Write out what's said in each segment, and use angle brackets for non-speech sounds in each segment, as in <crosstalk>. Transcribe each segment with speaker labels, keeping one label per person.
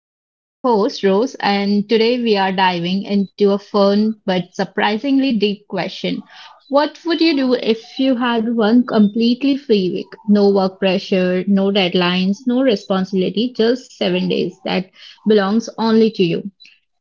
Speaker 1: I'm your host, Rose, and today we are diving into a fun but surprisingly deep question. What would you do if you had one completely free week? No work pressure, no deadlines, no responsibility, just 7 days that belongs only to you.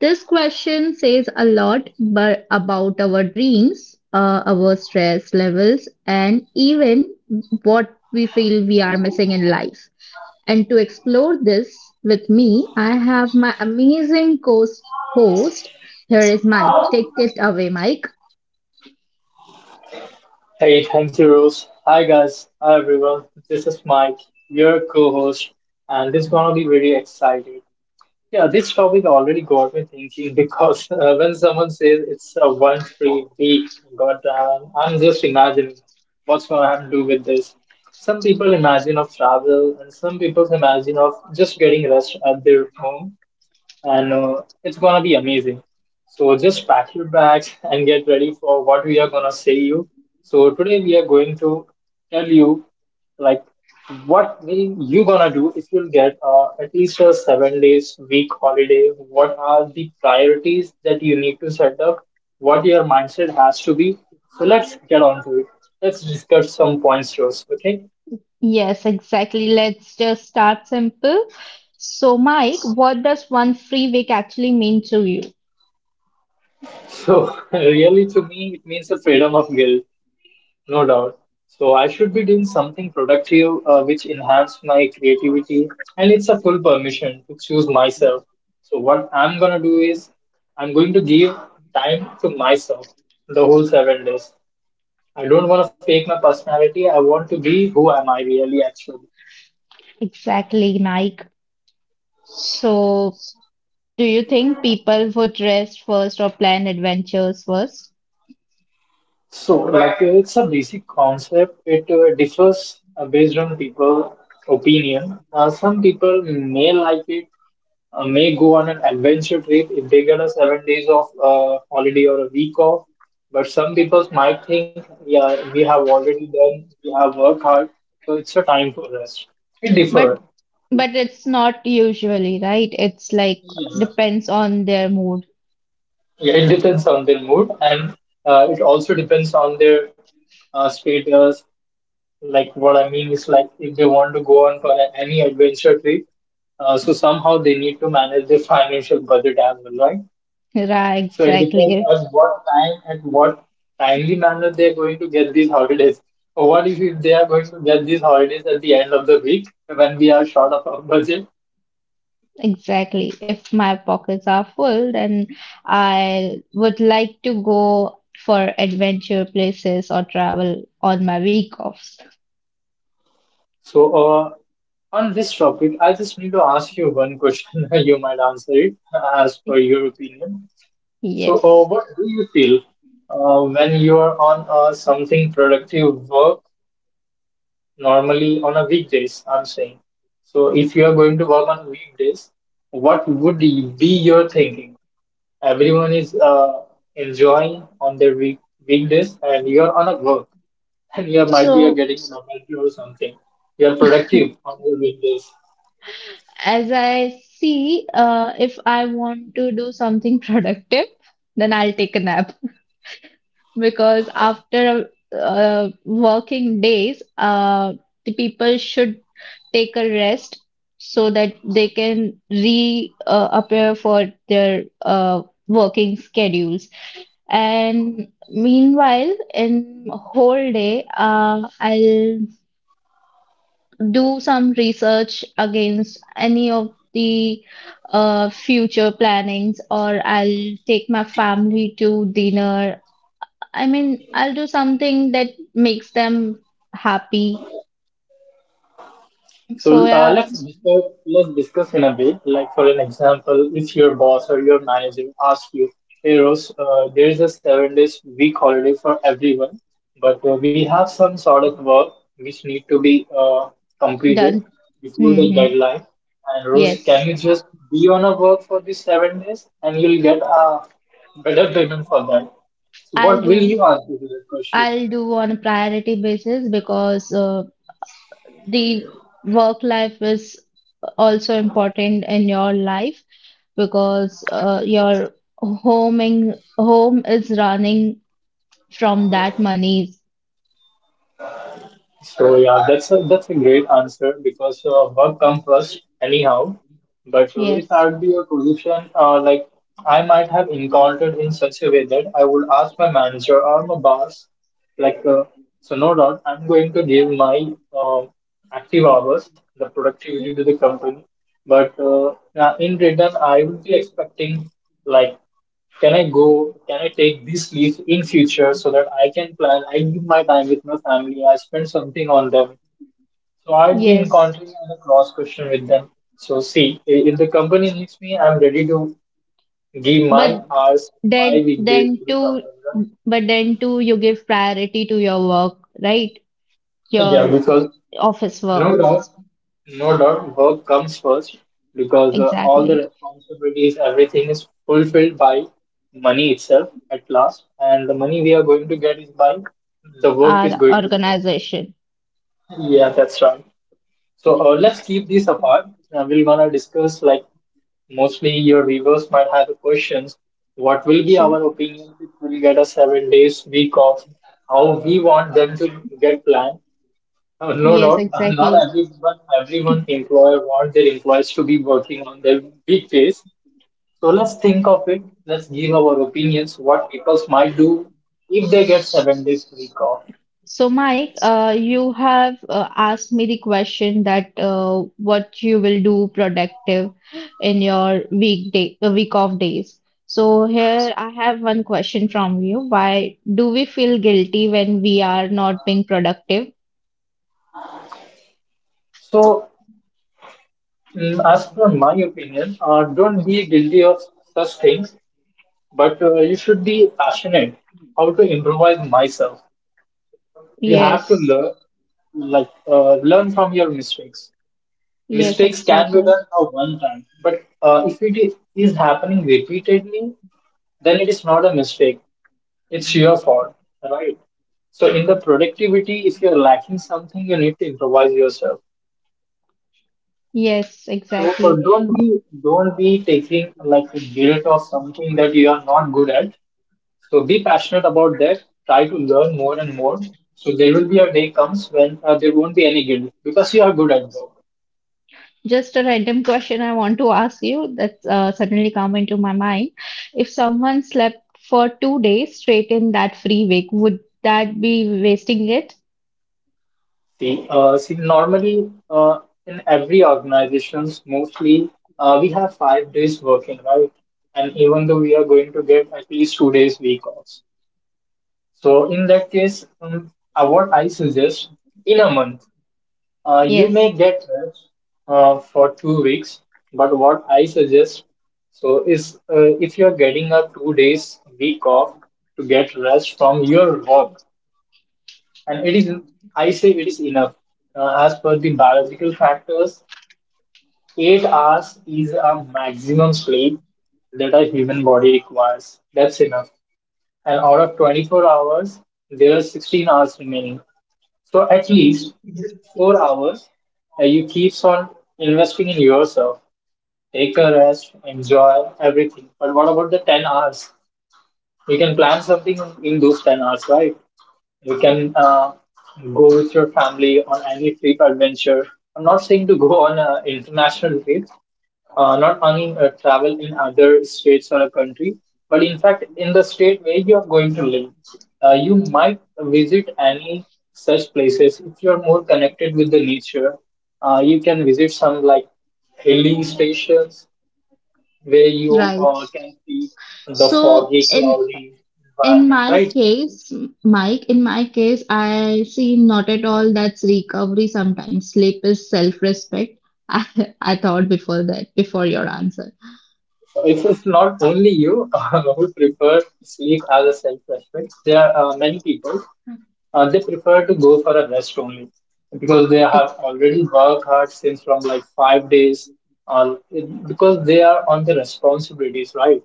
Speaker 1: This question says a lot but about our dreams, our stress levels, and even what we feel we are missing in life. And to explore this with me, I have my amazing co-host. Here is Mike. Take it away, Mike.
Speaker 2: Hey, thank you, Rose. Hi, guys. Hi, everyone. This is Mike, your co-host, and this is gonna be very exciting. Yeah, this topic already got me thinking because <laughs> when someone says it's a one free week, goddamn, I'm just imagining what's gonna do with this. Some people imagine of travel, and some people imagine of just getting rest at their home. And it's gonna be amazing. So just pack your bags and get ready for what we are gonna say you. So today we are going to tell you like what will you gonna do if you'll get at least a 7 days week holiday? What are the priorities that you need to set up? What your mindset has to be? So let's get on to it. Let's discuss some points, Rose. Okay.
Speaker 1: Yes, exactly. Let's just start simple. So, Mike, what does one free week actually mean to you?
Speaker 2: So <laughs> really, to me, it means the freedom of guilt. No doubt. So I should be doing something productive which enhance my creativity and it's a full permission to choose myself. So what I'm gonna do is I'm going to give time to myself the whole 7 days. I don't wanna fake my personality. I want to be who am I really actually.
Speaker 1: Exactly, Mike. So, do you think people would rest first or plan adventures first?
Speaker 2: So, like, it's a basic concept. It differs based on people' opinion. Some people may like it, may go on an adventure trip if they get a 7 days of holiday or a week off. But some people might think, yeah, we have already done, we have worked hard, so it's a time for rest. It differs.
Speaker 1: But but it's not usually, right? It's like
Speaker 2: Yeah.
Speaker 1: depends on their mood.
Speaker 2: Yeah, it depends on their mood, and it also depends on their status. Like what I mean is like if they want to go on for any adventure trip, so somehow they need to manage their financial budget as well, right?
Speaker 1: <laughs> Right,
Speaker 2: So it depends
Speaker 1: exactly.
Speaker 2: on what time and what timely manner they are going to get these holidays. Or what if they are going to get these holidays at the end of the week when we are short of our budget?
Speaker 1: Exactly. If my pockets are full, then I would like to go for adventure places or travel on my week offs.
Speaker 2: So on this topic, I just need to ask you one question. <laughs> You might answer it as per your opinion. So,
Speaker 1: Yes.
Speaker 2: what do you feel when you are on something productive work normally on a weekdays? I'm saying. So, if you are going to work on weekdays, what be your thinking? Everyone is enjoying on their weekdays, and you are on a work, <laughs> and you might be
Speaker 1: So,
Speaker 2: getting novelty or something. You are productive on your weekdays.
Speaker 1: as I see, if I want to do something <laughs> productive, then I'll take a nap, because after working days, the people should take a rest so that they can re appear for their working schedules. And meanwhile, in whole day, I'll do some research against any of the future plannings, or I'll take my family to dinner. I mean, I'll do something that makes them happy. So
Speaker 2: So
Speaker 1: yeah,
Speaker 2: let's discuss in a way. Like for an example, if your boss or your manager asks you, "Hey Rose, there is a 7 days week holiday for everyone, but we have some sort of work which need to be uh,
Speaker 1: done.
Speaker 2: completed before the
Speaker 1: Hmm.
Speaker 2: deadline. And Rose, can
Speaker 1: Yes,
Speaker 2: you just be on a work for these 7 days, and you'll get a better payment for that?" So
Speaker 1: I'll
Speaker 2: what will
Speaker 1: do.
Speaker 2: you answer to that question?
Speaker 1: I'll do on a priority basis because the work life is also important in your life because your homing home is running from that money.
Speaker 2: So yeah, that's a great answer because work comes first anyhow. But if
Speaker 1: Yes.
Speaker 2: I'd be a position like I might have encountered in such a way that I would ask my manager or my boss, like, so no doubt I'm going to give my active hours, the productivity to the company, but in return I would be expecting like can I go? Can I take this leave in future so that I can plan? I give my time with my family. I spend something on them. So I'd be
Speaker 1: Yes.
Speaker 2: encountering a cross question with them. So see, if the company needs me, I'm ready to give
Speaker 1: But,
Speaker 2: my hours, my
Speaker 1: Then,
Speaker 2: weekdays to
Speaker 1: then
Speaker 2: the
Speaker 1: too,
Speaker 2: company.
Speaker 1: but then too, you give priority to your work, right?
Speaker 2: Yeah,
Speaker 1: Your
Speaker 2: because
Speaker 1: office work,
Speaker 2: No doubt, no doubt, work comes first because all the
Speaker 1: exactly.
Speaker 2: responsibilities, everything is fulfilled by money itself at last, and the money we are going to get is by the work is
Speaker 1: Our
Speaker 2: going to be done.
Speaker 1: organization.
Speaker 2: Yeah, that's right. So
Speaker 1: Yeah,
Speaker 2: let's keep this apart. We're gonna discuss like mostly your viewers might have the questions. What will be
Speaker 1: sure.
Speaker 2: our opinion if we get a 7 days week off? How we want them to get planned? Oh, no
Speaker 1: Yes,
Speaker 2: doubt, <laughs> not
Speaker 1: exactly.
Speaker 2: everyone, everyone employer wants their employees to be working on their weekdays. So let's think of it. Let's give our opinions what people might do if they get 7 days week off.
Speaker 1: So, Mike, you have asked me the question that what you will do productive in your weekday, week of days. So, here I have one question from you. Why do we feel guilty when we are not being productive?
Speaker 2: So, as per my opinion, don't be guilty of such things, but you should be passionate how to improvise myself. You have to
Speaker 1: Yes,
Speaker 2: learn, like learn from your mistakes.
Speaker 1: yes,
Speaker 2: Mistakes can be
Speaker 1: exactly.
Speaker 2: done a one time, but if it is happening repeatedly, then it is not a mistake. It's your fault, right? So in the productivity, if you're lacking something, you need to improvise yourself.
Speaker 1: Yes,
Speaker 2: So
Speaker 1: exactly.
Speaker 2: don't be taking like a guilt of something that you are not good at. So be passionate about that. Try to learn more and more. So there will be a day comes when there won't be any guilt because you are good at work.
Speaker 1: Just a random question I want to ask you that suddenly come into my mind. If someone slept for 2 days straight in that free week, would that be wasting it?
Speaker 2: See, see, normally in every organizations, mostly we have 5 days working, right? And even though we are going to get at least 2 days week off. So in that case, what I suggest in a month, you may
Speaker 1: Yes,
Speaker 2: get rest for 2 weeks. But what I suggest so is if you are getting a 2 days week off to get rest from your work, and it is, I say, it is enough. As per the biological factors, 8 hours is a maximum sleep that a human body requires. That's enough. And out of 24 hours, there are 16 hours remaining. So at least 4 hours you keeps on investing in yourself. Take a rest, enjoy everything. But what about the 10 hours? You can plan something in those 10 hours, right? You can go with your family on any trip adventure. I'm not saying to go on an international trip, not on travel in other states or a country, but in fact, in the state where you're going to live, you might visit any such places. If you're more connected with the nature, you can visit some like hilly stations where you
Speaker 1: right.
Speaker 2: can see the
Speaker 1: So
Speaker 2: foggy,
Speaker 1: in
Speaker 2: cloudy
Speaker 1: in
Speaker 2: environment,
Speaker 1: my
Speaker 2: right?
Speaker 1: case, Mike, in my case, I see not at all that's recovery sometimes. Sleep is self-respect. <laughs> I, I thought before that, before your answer.
Speaker 2: If it's not only you <laughs> who prefer sleep as a self-respect, there are many people they prefer to go for a rest only because they have already worked hard since from like 5 days, or because they are on the responsibilities, right?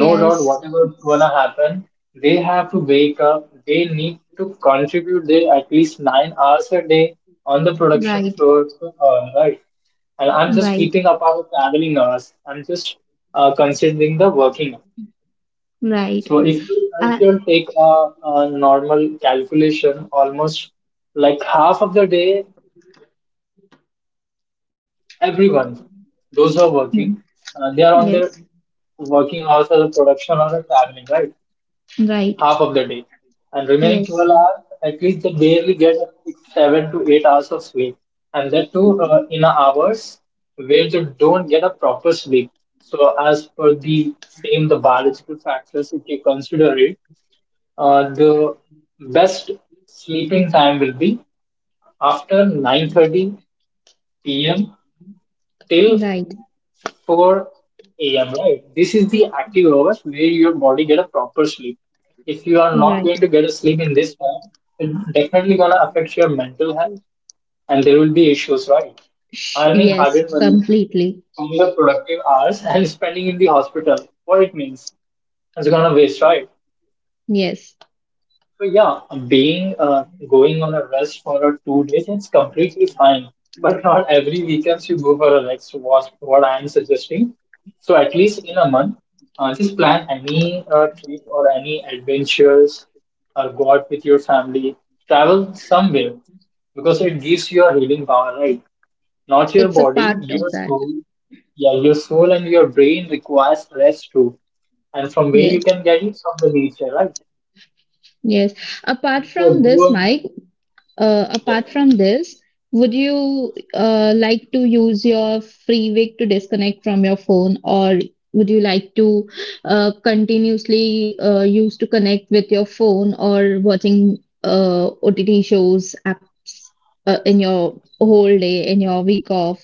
Speaker 2: No doubt whatever gonna happen, they have to wake up, they need to contribute their at least 9 hours a day on the production
Speaker 1: Right,
Speaker 2: floor, so, right. And I'm just
Speaker 1: right,
Speaker 2: keeping apart the traveling hours. I'm just considering the working hours.
Speaker 1: right.
Speaker 2: So if
Speaker 1: Uh,
Speaker 2: you take a normal calculation, almost like half of the day everyone, those who are working, they are on their
Speaker 1: yes,
Speaker 2: working hours as a production or a traveling, right? Half of
Speaker 1: right,
Speaker 2: the day, and remaining 12
Speaker 1: yes,
Speaker 2: hours, at least they barely get six, 7 to 8 hours of sleep, and that too in hours where they don't get a proper sleep. So, as per the same the biological factors, if you consider it, the best sleeping time will be after 9:30 p.m. till
Speaker 1: right,
Speaker 2: 4 a.m. Right? This is the active hours where your body get a proper sleep. If you are not
Speaker 1: right.
Speaker 2: going to get a sleep in this time, it's definitely gonna affect your mental health, and there will be issues, right?
Speaker 1: Sh-
Speaker 2: Earning
Speaker 1: yes,
Speaker 2: hard-earned money
Speaker 1: completely.
Speaker 2: from the productive hours <laughs> and spending in the hospital, what it means, it's gonna waste, right?
Speaker 1: Yes,
Speaker 2: So yeah, being going on a rest for a 2 days, it's completely fine. But <laughs> not every weekend you go for a rest. Was what I am suggesting. So at least in a month, just plan any trip or any adventures or go out with your family. Travel somewhere because it gives you a healing power, right? Not your
Speaker 1: it's a
Speaker 2: body,
Speaker 1: part of
Speaker 2: your
Speaker 1: that.
Speaker 2: soul. Yeah, your soul and your brain requires rest too. And from where
Speaker 1: Yes,
Speaker 2: you can get it from the nature, right?
Speaker 1: yes. Apart
Speaker 2: You
Speaker 1: from this,
Speaker 2: go.
Speaker 1: Mike. Apart
Speaker 2: Yep.
Speaker 1: from
Speaker 2: <laughs>
Speaker 1: this, would you like to use your free week to disconnect from your phone, or would you like to continuously use to connect with your phone or watching OTT shows apps in your whole day in your week off?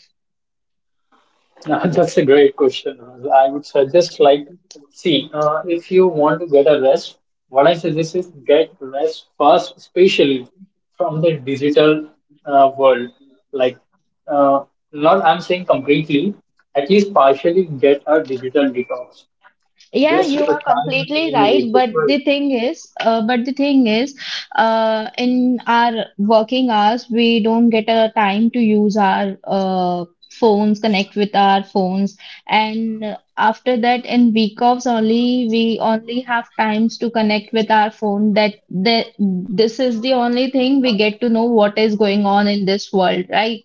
Speaker 2: That's a great question. I would suggest like, see, if you want to get a rest, what I suggest is get rest first, especially from the digital world. Like, uh, not I'm saying completely, at least partially get a digital detox.
Speaker 1: Yeah,
Speaker 2: Just
Speaker 1: you are
Speaker 2: try a
Speaker 1: completely right. But
Speaker 2: minimalist.
Speaker 1: the thing is, but the thing is, in our working hours, we don't get a time to use our phones, connect with our phones, and after that, in week offs only, we only have times to connect with our phone. That this is the only thing we get to know what is going on in this world, right?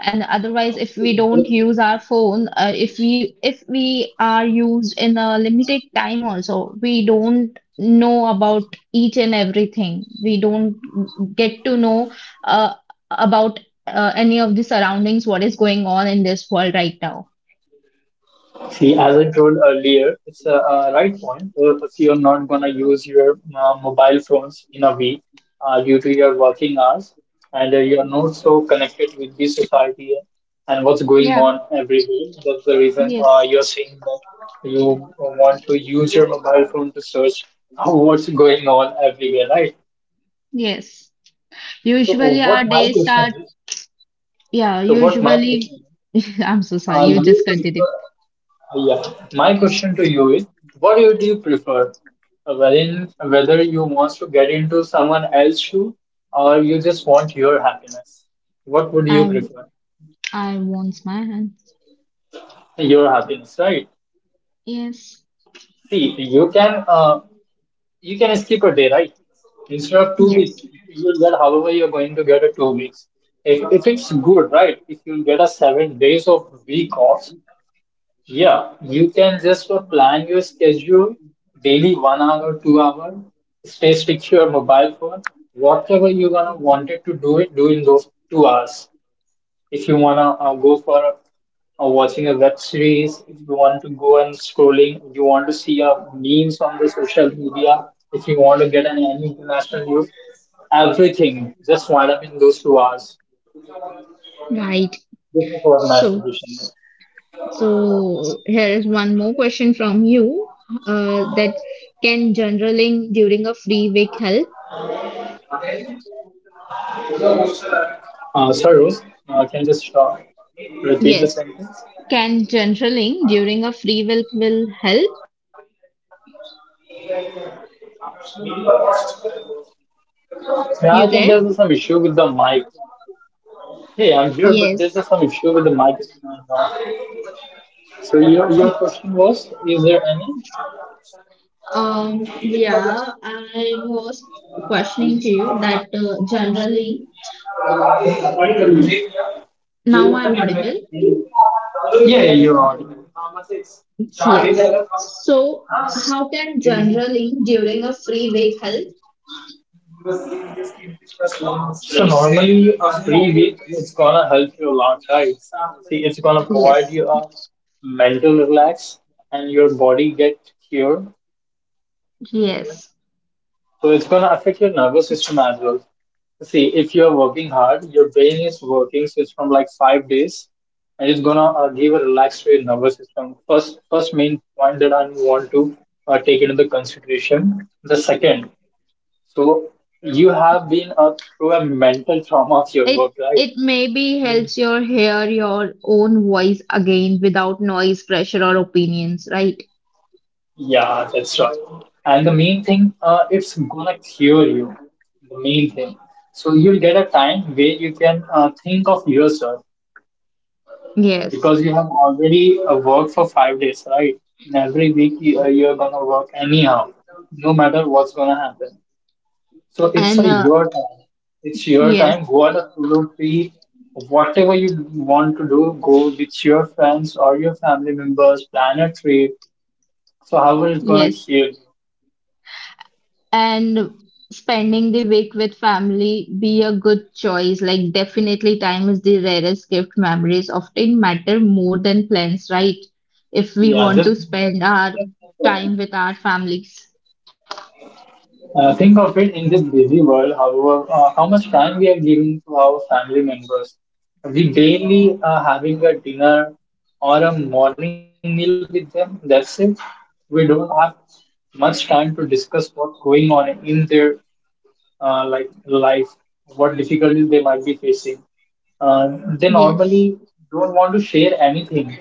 Speaker 1: And otherwise, if we don't use our phone, if we are used in a limited time also, we don't know about each and everything, we don't get to know uh, about any of the surroundings, what is going on in this world right now.
Speaker 2: See, as I told earlier, it's a right point. So if you're not gonna use your mobile phones in a week due to your working hours, and you're not so connected with the society and what's going
Speaker 1: Yeah,
Speaker 2: on everywhere, that's the reason
Speaker 1: yes,
Speaker 2: you're saying that you want to use your mobile phone to search <laughs> what's going on everywhere, right?
Speaker 1: yes.
Speaker 2: So, uh,
Speaker 1: Usually
Speaker 2: what
Speaker 1: our
Speaker 2: my
Speaker 1: day
Speaker 2: question
Speaker 1: start,
Speaker 2: is?
Speaker 1: yeah,
Speaker 2: So, what my
Speaker 1: usually
Speaker 2: question is?
Speaker 1: <laughs> I'm so sorry, you just
Speaker 2: You prefer,
Speaker 1: continue.
Speaker 2: yeah. My question to you is, what do you prefer? Wherein, whether you want to get into someone else's shoe or you just want your happiness. What would you
Speaker 1: I
Speaker 2: prefer?
Speaker 1: I want my hands.
Speaker 2: Your happiness, right?
Speaker 1: Yes,
Speaker 2: See, you can skip a day, right? Instead of 2 weeks,
Speaker 1: yes,
Speaker 2: you'll get however you're going to get a 2 weeks. If it's good, right? If you get a 7 days of week off, yeah, you can just plan your schedule daily 1 hour, 2 hour, stay stick to your mobile phone. Whatever you gonna wanted to do it, do in those 2 hours. If you wanna go for watching a web series, if you want to go and scrolling, you want to see memes on the social media, if you want to get an any international news, everything just wind up in those 2 hours.
Speaker 1: right.
Speaker 2: This is what my
Speaker 1: So,
Speaker 2: suggestion is.
Speaker 1: so here is one more question from you. That can journaling during a free week help?
Speaker 2: Sorry, Rose. Can you just repeat the sentence?
Speaker 1: Yes. Can journaling during a free week will help?
Speaker 2: Yeah, I think there's some issue with
Speaker 1: You
Speaker 2: the
Speaker 1: there?
Speaker 2: mic. Hey, I'm here, but there's some issue with the
Speaker 1: Yes.
Speaker 2: mic. Uh, so your question was, is there any?
Speaker 1: Yeah, I was questioning to you that generally, now I am audible.
Speaker 2: Yeah, you're audible.
Speaker 1: Yes. So, how can generally during a free week help?
Speaker 2: So normally a free week is gonna help you a lot, right? See, it's gonna provide
Speaker 1: Yes,
Speaker 2: you a mental relax and your body get cured,
Speaker 1: yes.
Speaker 2: so it's going to affect your nervous system as well. See, if you're working hard, your brain is working since from like 5 days, and it's gonna give a relaxed to your nervous system. First main point that I want to take into the consideration. The second, so you have been through a mental trauma of your
Speaker 1: It
Speaker 2: work, right?
Speaker 1: it maybe
Speaker 2: Mhm.
Speaker 1: helps your hear your own voice again without noise, pressure, or opinions, right?
Speaker 2: Yeah, that's right. And the main thing, it's gonna cure you. The main thing. So you'll get a time where you can think of yourself,
Speaker 1: Yes.
Speaker 2: because you have already worked for 5 days, right? In every week, you're gonna work anyhow, no matter what's gonna happen. So it's
Speaker 1: And
Speaker 2: a your time. It's your
Speaker 1: yes,
Speaker 2: time. Go on a solo trip. Whatever want to do, go with your friends or your family members. Plan a trip. So however it's gonna
Speaker 1: yes.
Speaker 2: kill you.
Speaker 1: And spending the week with family be a good choice. Like definitely time is the rarest gift. Memories often matter more than plans, right? If we
Speaker 2: Yeah,
Speaker 1: want
Speaker 2: just
Speaker 1: to spend our time with our families.
Speaker 2: Think of it, in this busy world, however, how much time we are giving to our family members. We barely are having a dinner or a morning meal with them. That's it. We don't have much time to discuss what's going on in their like life, what difficulties they might be facing. They
Speaker 1: Yes,
Speaker 2: normally don't want to share anything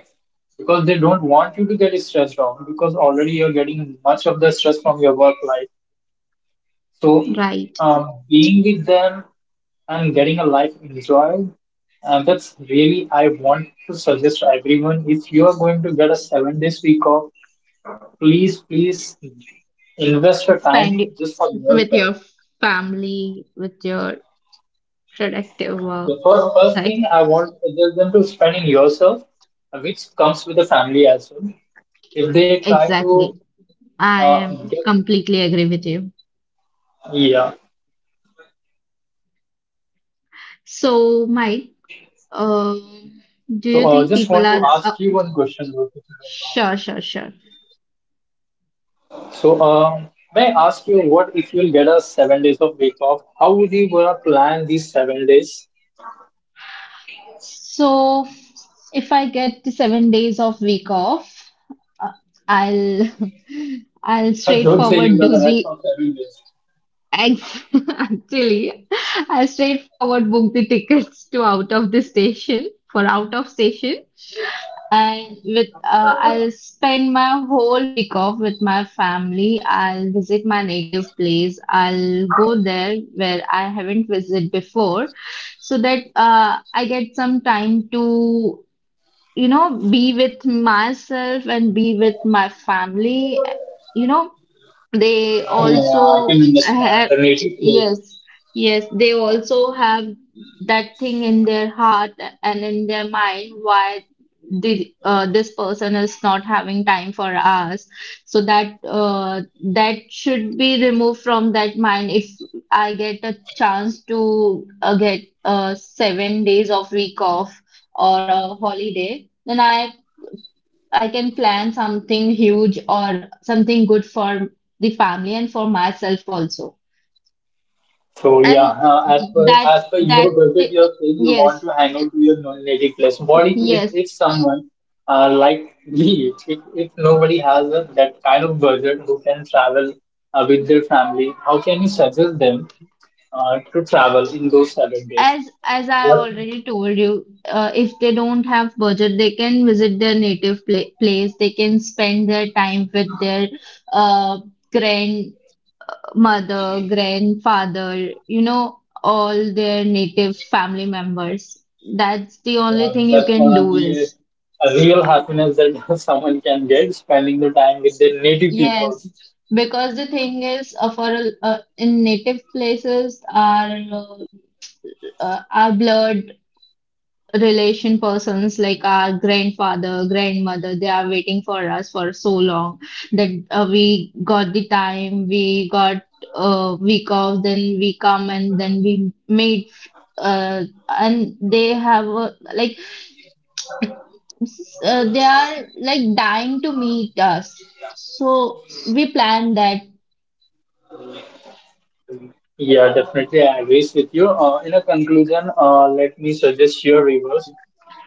Speaker 2: because they don't want you to get stressed out, because already you're getting much of the stress from your work life, so
Speaker 1: right.
Speaker 2: being with them and getting a life enjoyed, and that's really I want to suggest to everyone. If you are going to get a 7 days week off, please, please invest your
Speaker 1: Spend
Speaker 2: time
Speaker 1: it
Speaker 2: just for
Speaker 1: with your
Speaker 2: yourself.
Speaker 1: family, with your productive
Speaker 2: The
Speaker 1: work.
Speaker 2: first
Speaker 1: Right?
Speaker 2: thing I want to suggest them to spend in yourself, which comes with the family as well. If they try to
Speaker 1: Exactly. I
Speaker 2: uh,
Speaker 1: am
Speaker 2: get
Speaker 1: completely agree with you.
Speaker 2: yeah,
Speaker 1: So, Mike,
Speaker 2: so
Speaker 1: um,
Speaker 2: just want
Speaker 1: do
Speaker 2: to
Speaker 1: you think
Speaker 2: ask you
Speaker 1: people
Speaker 2: one
Speaker 1: are
Speaker 2: question, Rohit.
Speaker 1: sure, sure, sure.
Speaker 2: So, may I ask you, what if you'll get a 7 days of week off? How would you gonna plan these 7 days?
Speaker 1: So, if I get the 7 days of week off, uh, I'll <laughs> I'll
Speaker 2: <laughs> Don't say you're
Speaker 1: straightforward do
Speaker 2: gonna rest
Speaker 1: the
Speaker 2: for 7 days.
Speaker 1: Ex- <laughs> Actually, I straightforward booked the tickets to out of the station for out of station, and with I'll spend my whole week off with my family. I'll visit my native place. I'll go there where I haven't visited before, so that I get some time to, you know, be with myself and be with my family. You know, they
Speaker 2: Yeah, I can
Speaker 1: also
Speaker 2: understand
Speaker 1: have,
Speaker 2: the native place.
Speaker 1: yes, yes, they also have that thing in their heart and in their mind, why the, this person is not having time for us. So that that should be removed from that mind. If I get a chance to get 7 days of week off or a holiday, then I can plan something huge or something good for the family and for myself also.
Speaker 2: So yeah,
Speaker 1: And that
Speaker 2: as per your
Speaker 1: that
Speaker 2: budget, you're saying you want
Speaker 1: yes,
Speaker 2: to hang out to your non-native place. What
Speaker 1: yes.
Speaker 2: if someone like me, if nobody has a, that kind of budget who can travel with their family, how can you suggest them to travel in those 7 days.
Speaker 1: As I
Speaker 2: What
Speaker 1: already told you, if they don't have budget, they can visit their native place. They can spend their time with their uh, grandmother, grandfather, you know, all their native family members. That's the only thing you
Speaker 2: that's
Speaker 1: can
Speaker 2: gonna
Speaker 1: do
Speaker 2: be
Speaker 1: is.
Speaker 2: a real happiness that <laughs> someone can get spending the time with their native people.
Speaker 1: Yes, because the thing is, in native places, our blood relation persons like our grandfather, grandmother, they are waiting for us for so long that we got the time, we got week off, then we come and then we meet. Uh, and they have like they are like dying to meet us, so we plan that.
Speaker 2: Yeah, definitely, I agree with you. In a conclusion, let me suggest your rivers.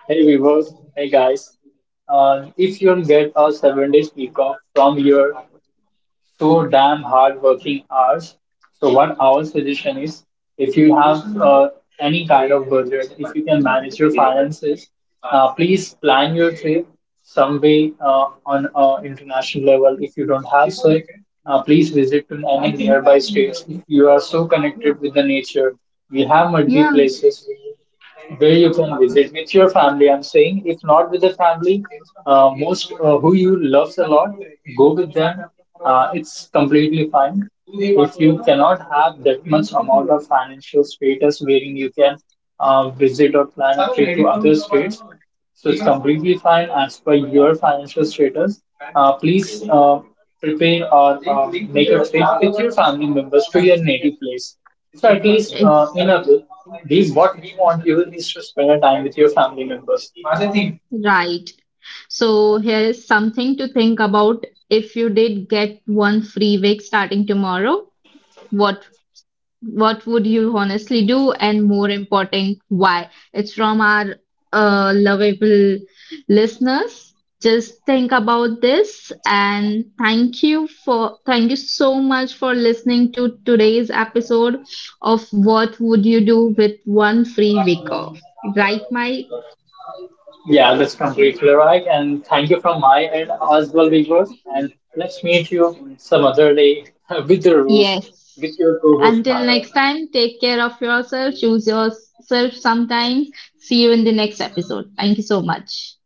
Speaker 2: Hey viewers, hey guys. If you'll get a 7 days week off from here, so damn hard working hours. So what our suggestion is, if you have any kind of budget, if you can manage your finances, please plan your trip some way on international level. If you don't have so, please visit to any nearby states. If you are so connected with the nature, we have multi places where you can visit with your family. I'm saying, if not with the family, most who you loves a lot, go with them. It's completely fine. If you cannot have that much amount of financial status wherein you can visit or plan a trip to other states, so it's completely fine as per your financial status. Please prepare or make a trip with your family members to your native place. So at least
Speaker 1: It's
Speaker 2: in a way, we what we want you is to spend a time with your family members.
Speaker 1: right. So here is something to think about. If you did get one free week starting tomorrow, what what would you honestly do? And more important, why? It's from our lovable listeners. Just think about this and thank you so much for listening to today's episode of What Would You Do with One Free Week Off? Right, Mike?
Speaker 2: Yeah, that's completely right. And thank you from my end as well, viewers. And let's meet you some other day <laughs> with the rules
Speaker 1: Yes.
Speaker 2: with your co-host
Speaker 1: Until
Speaker 2: Maya.
Speaker 1: next time, take care of yourself, choose yourself sometimes. See you in the next episode. Thank you so much.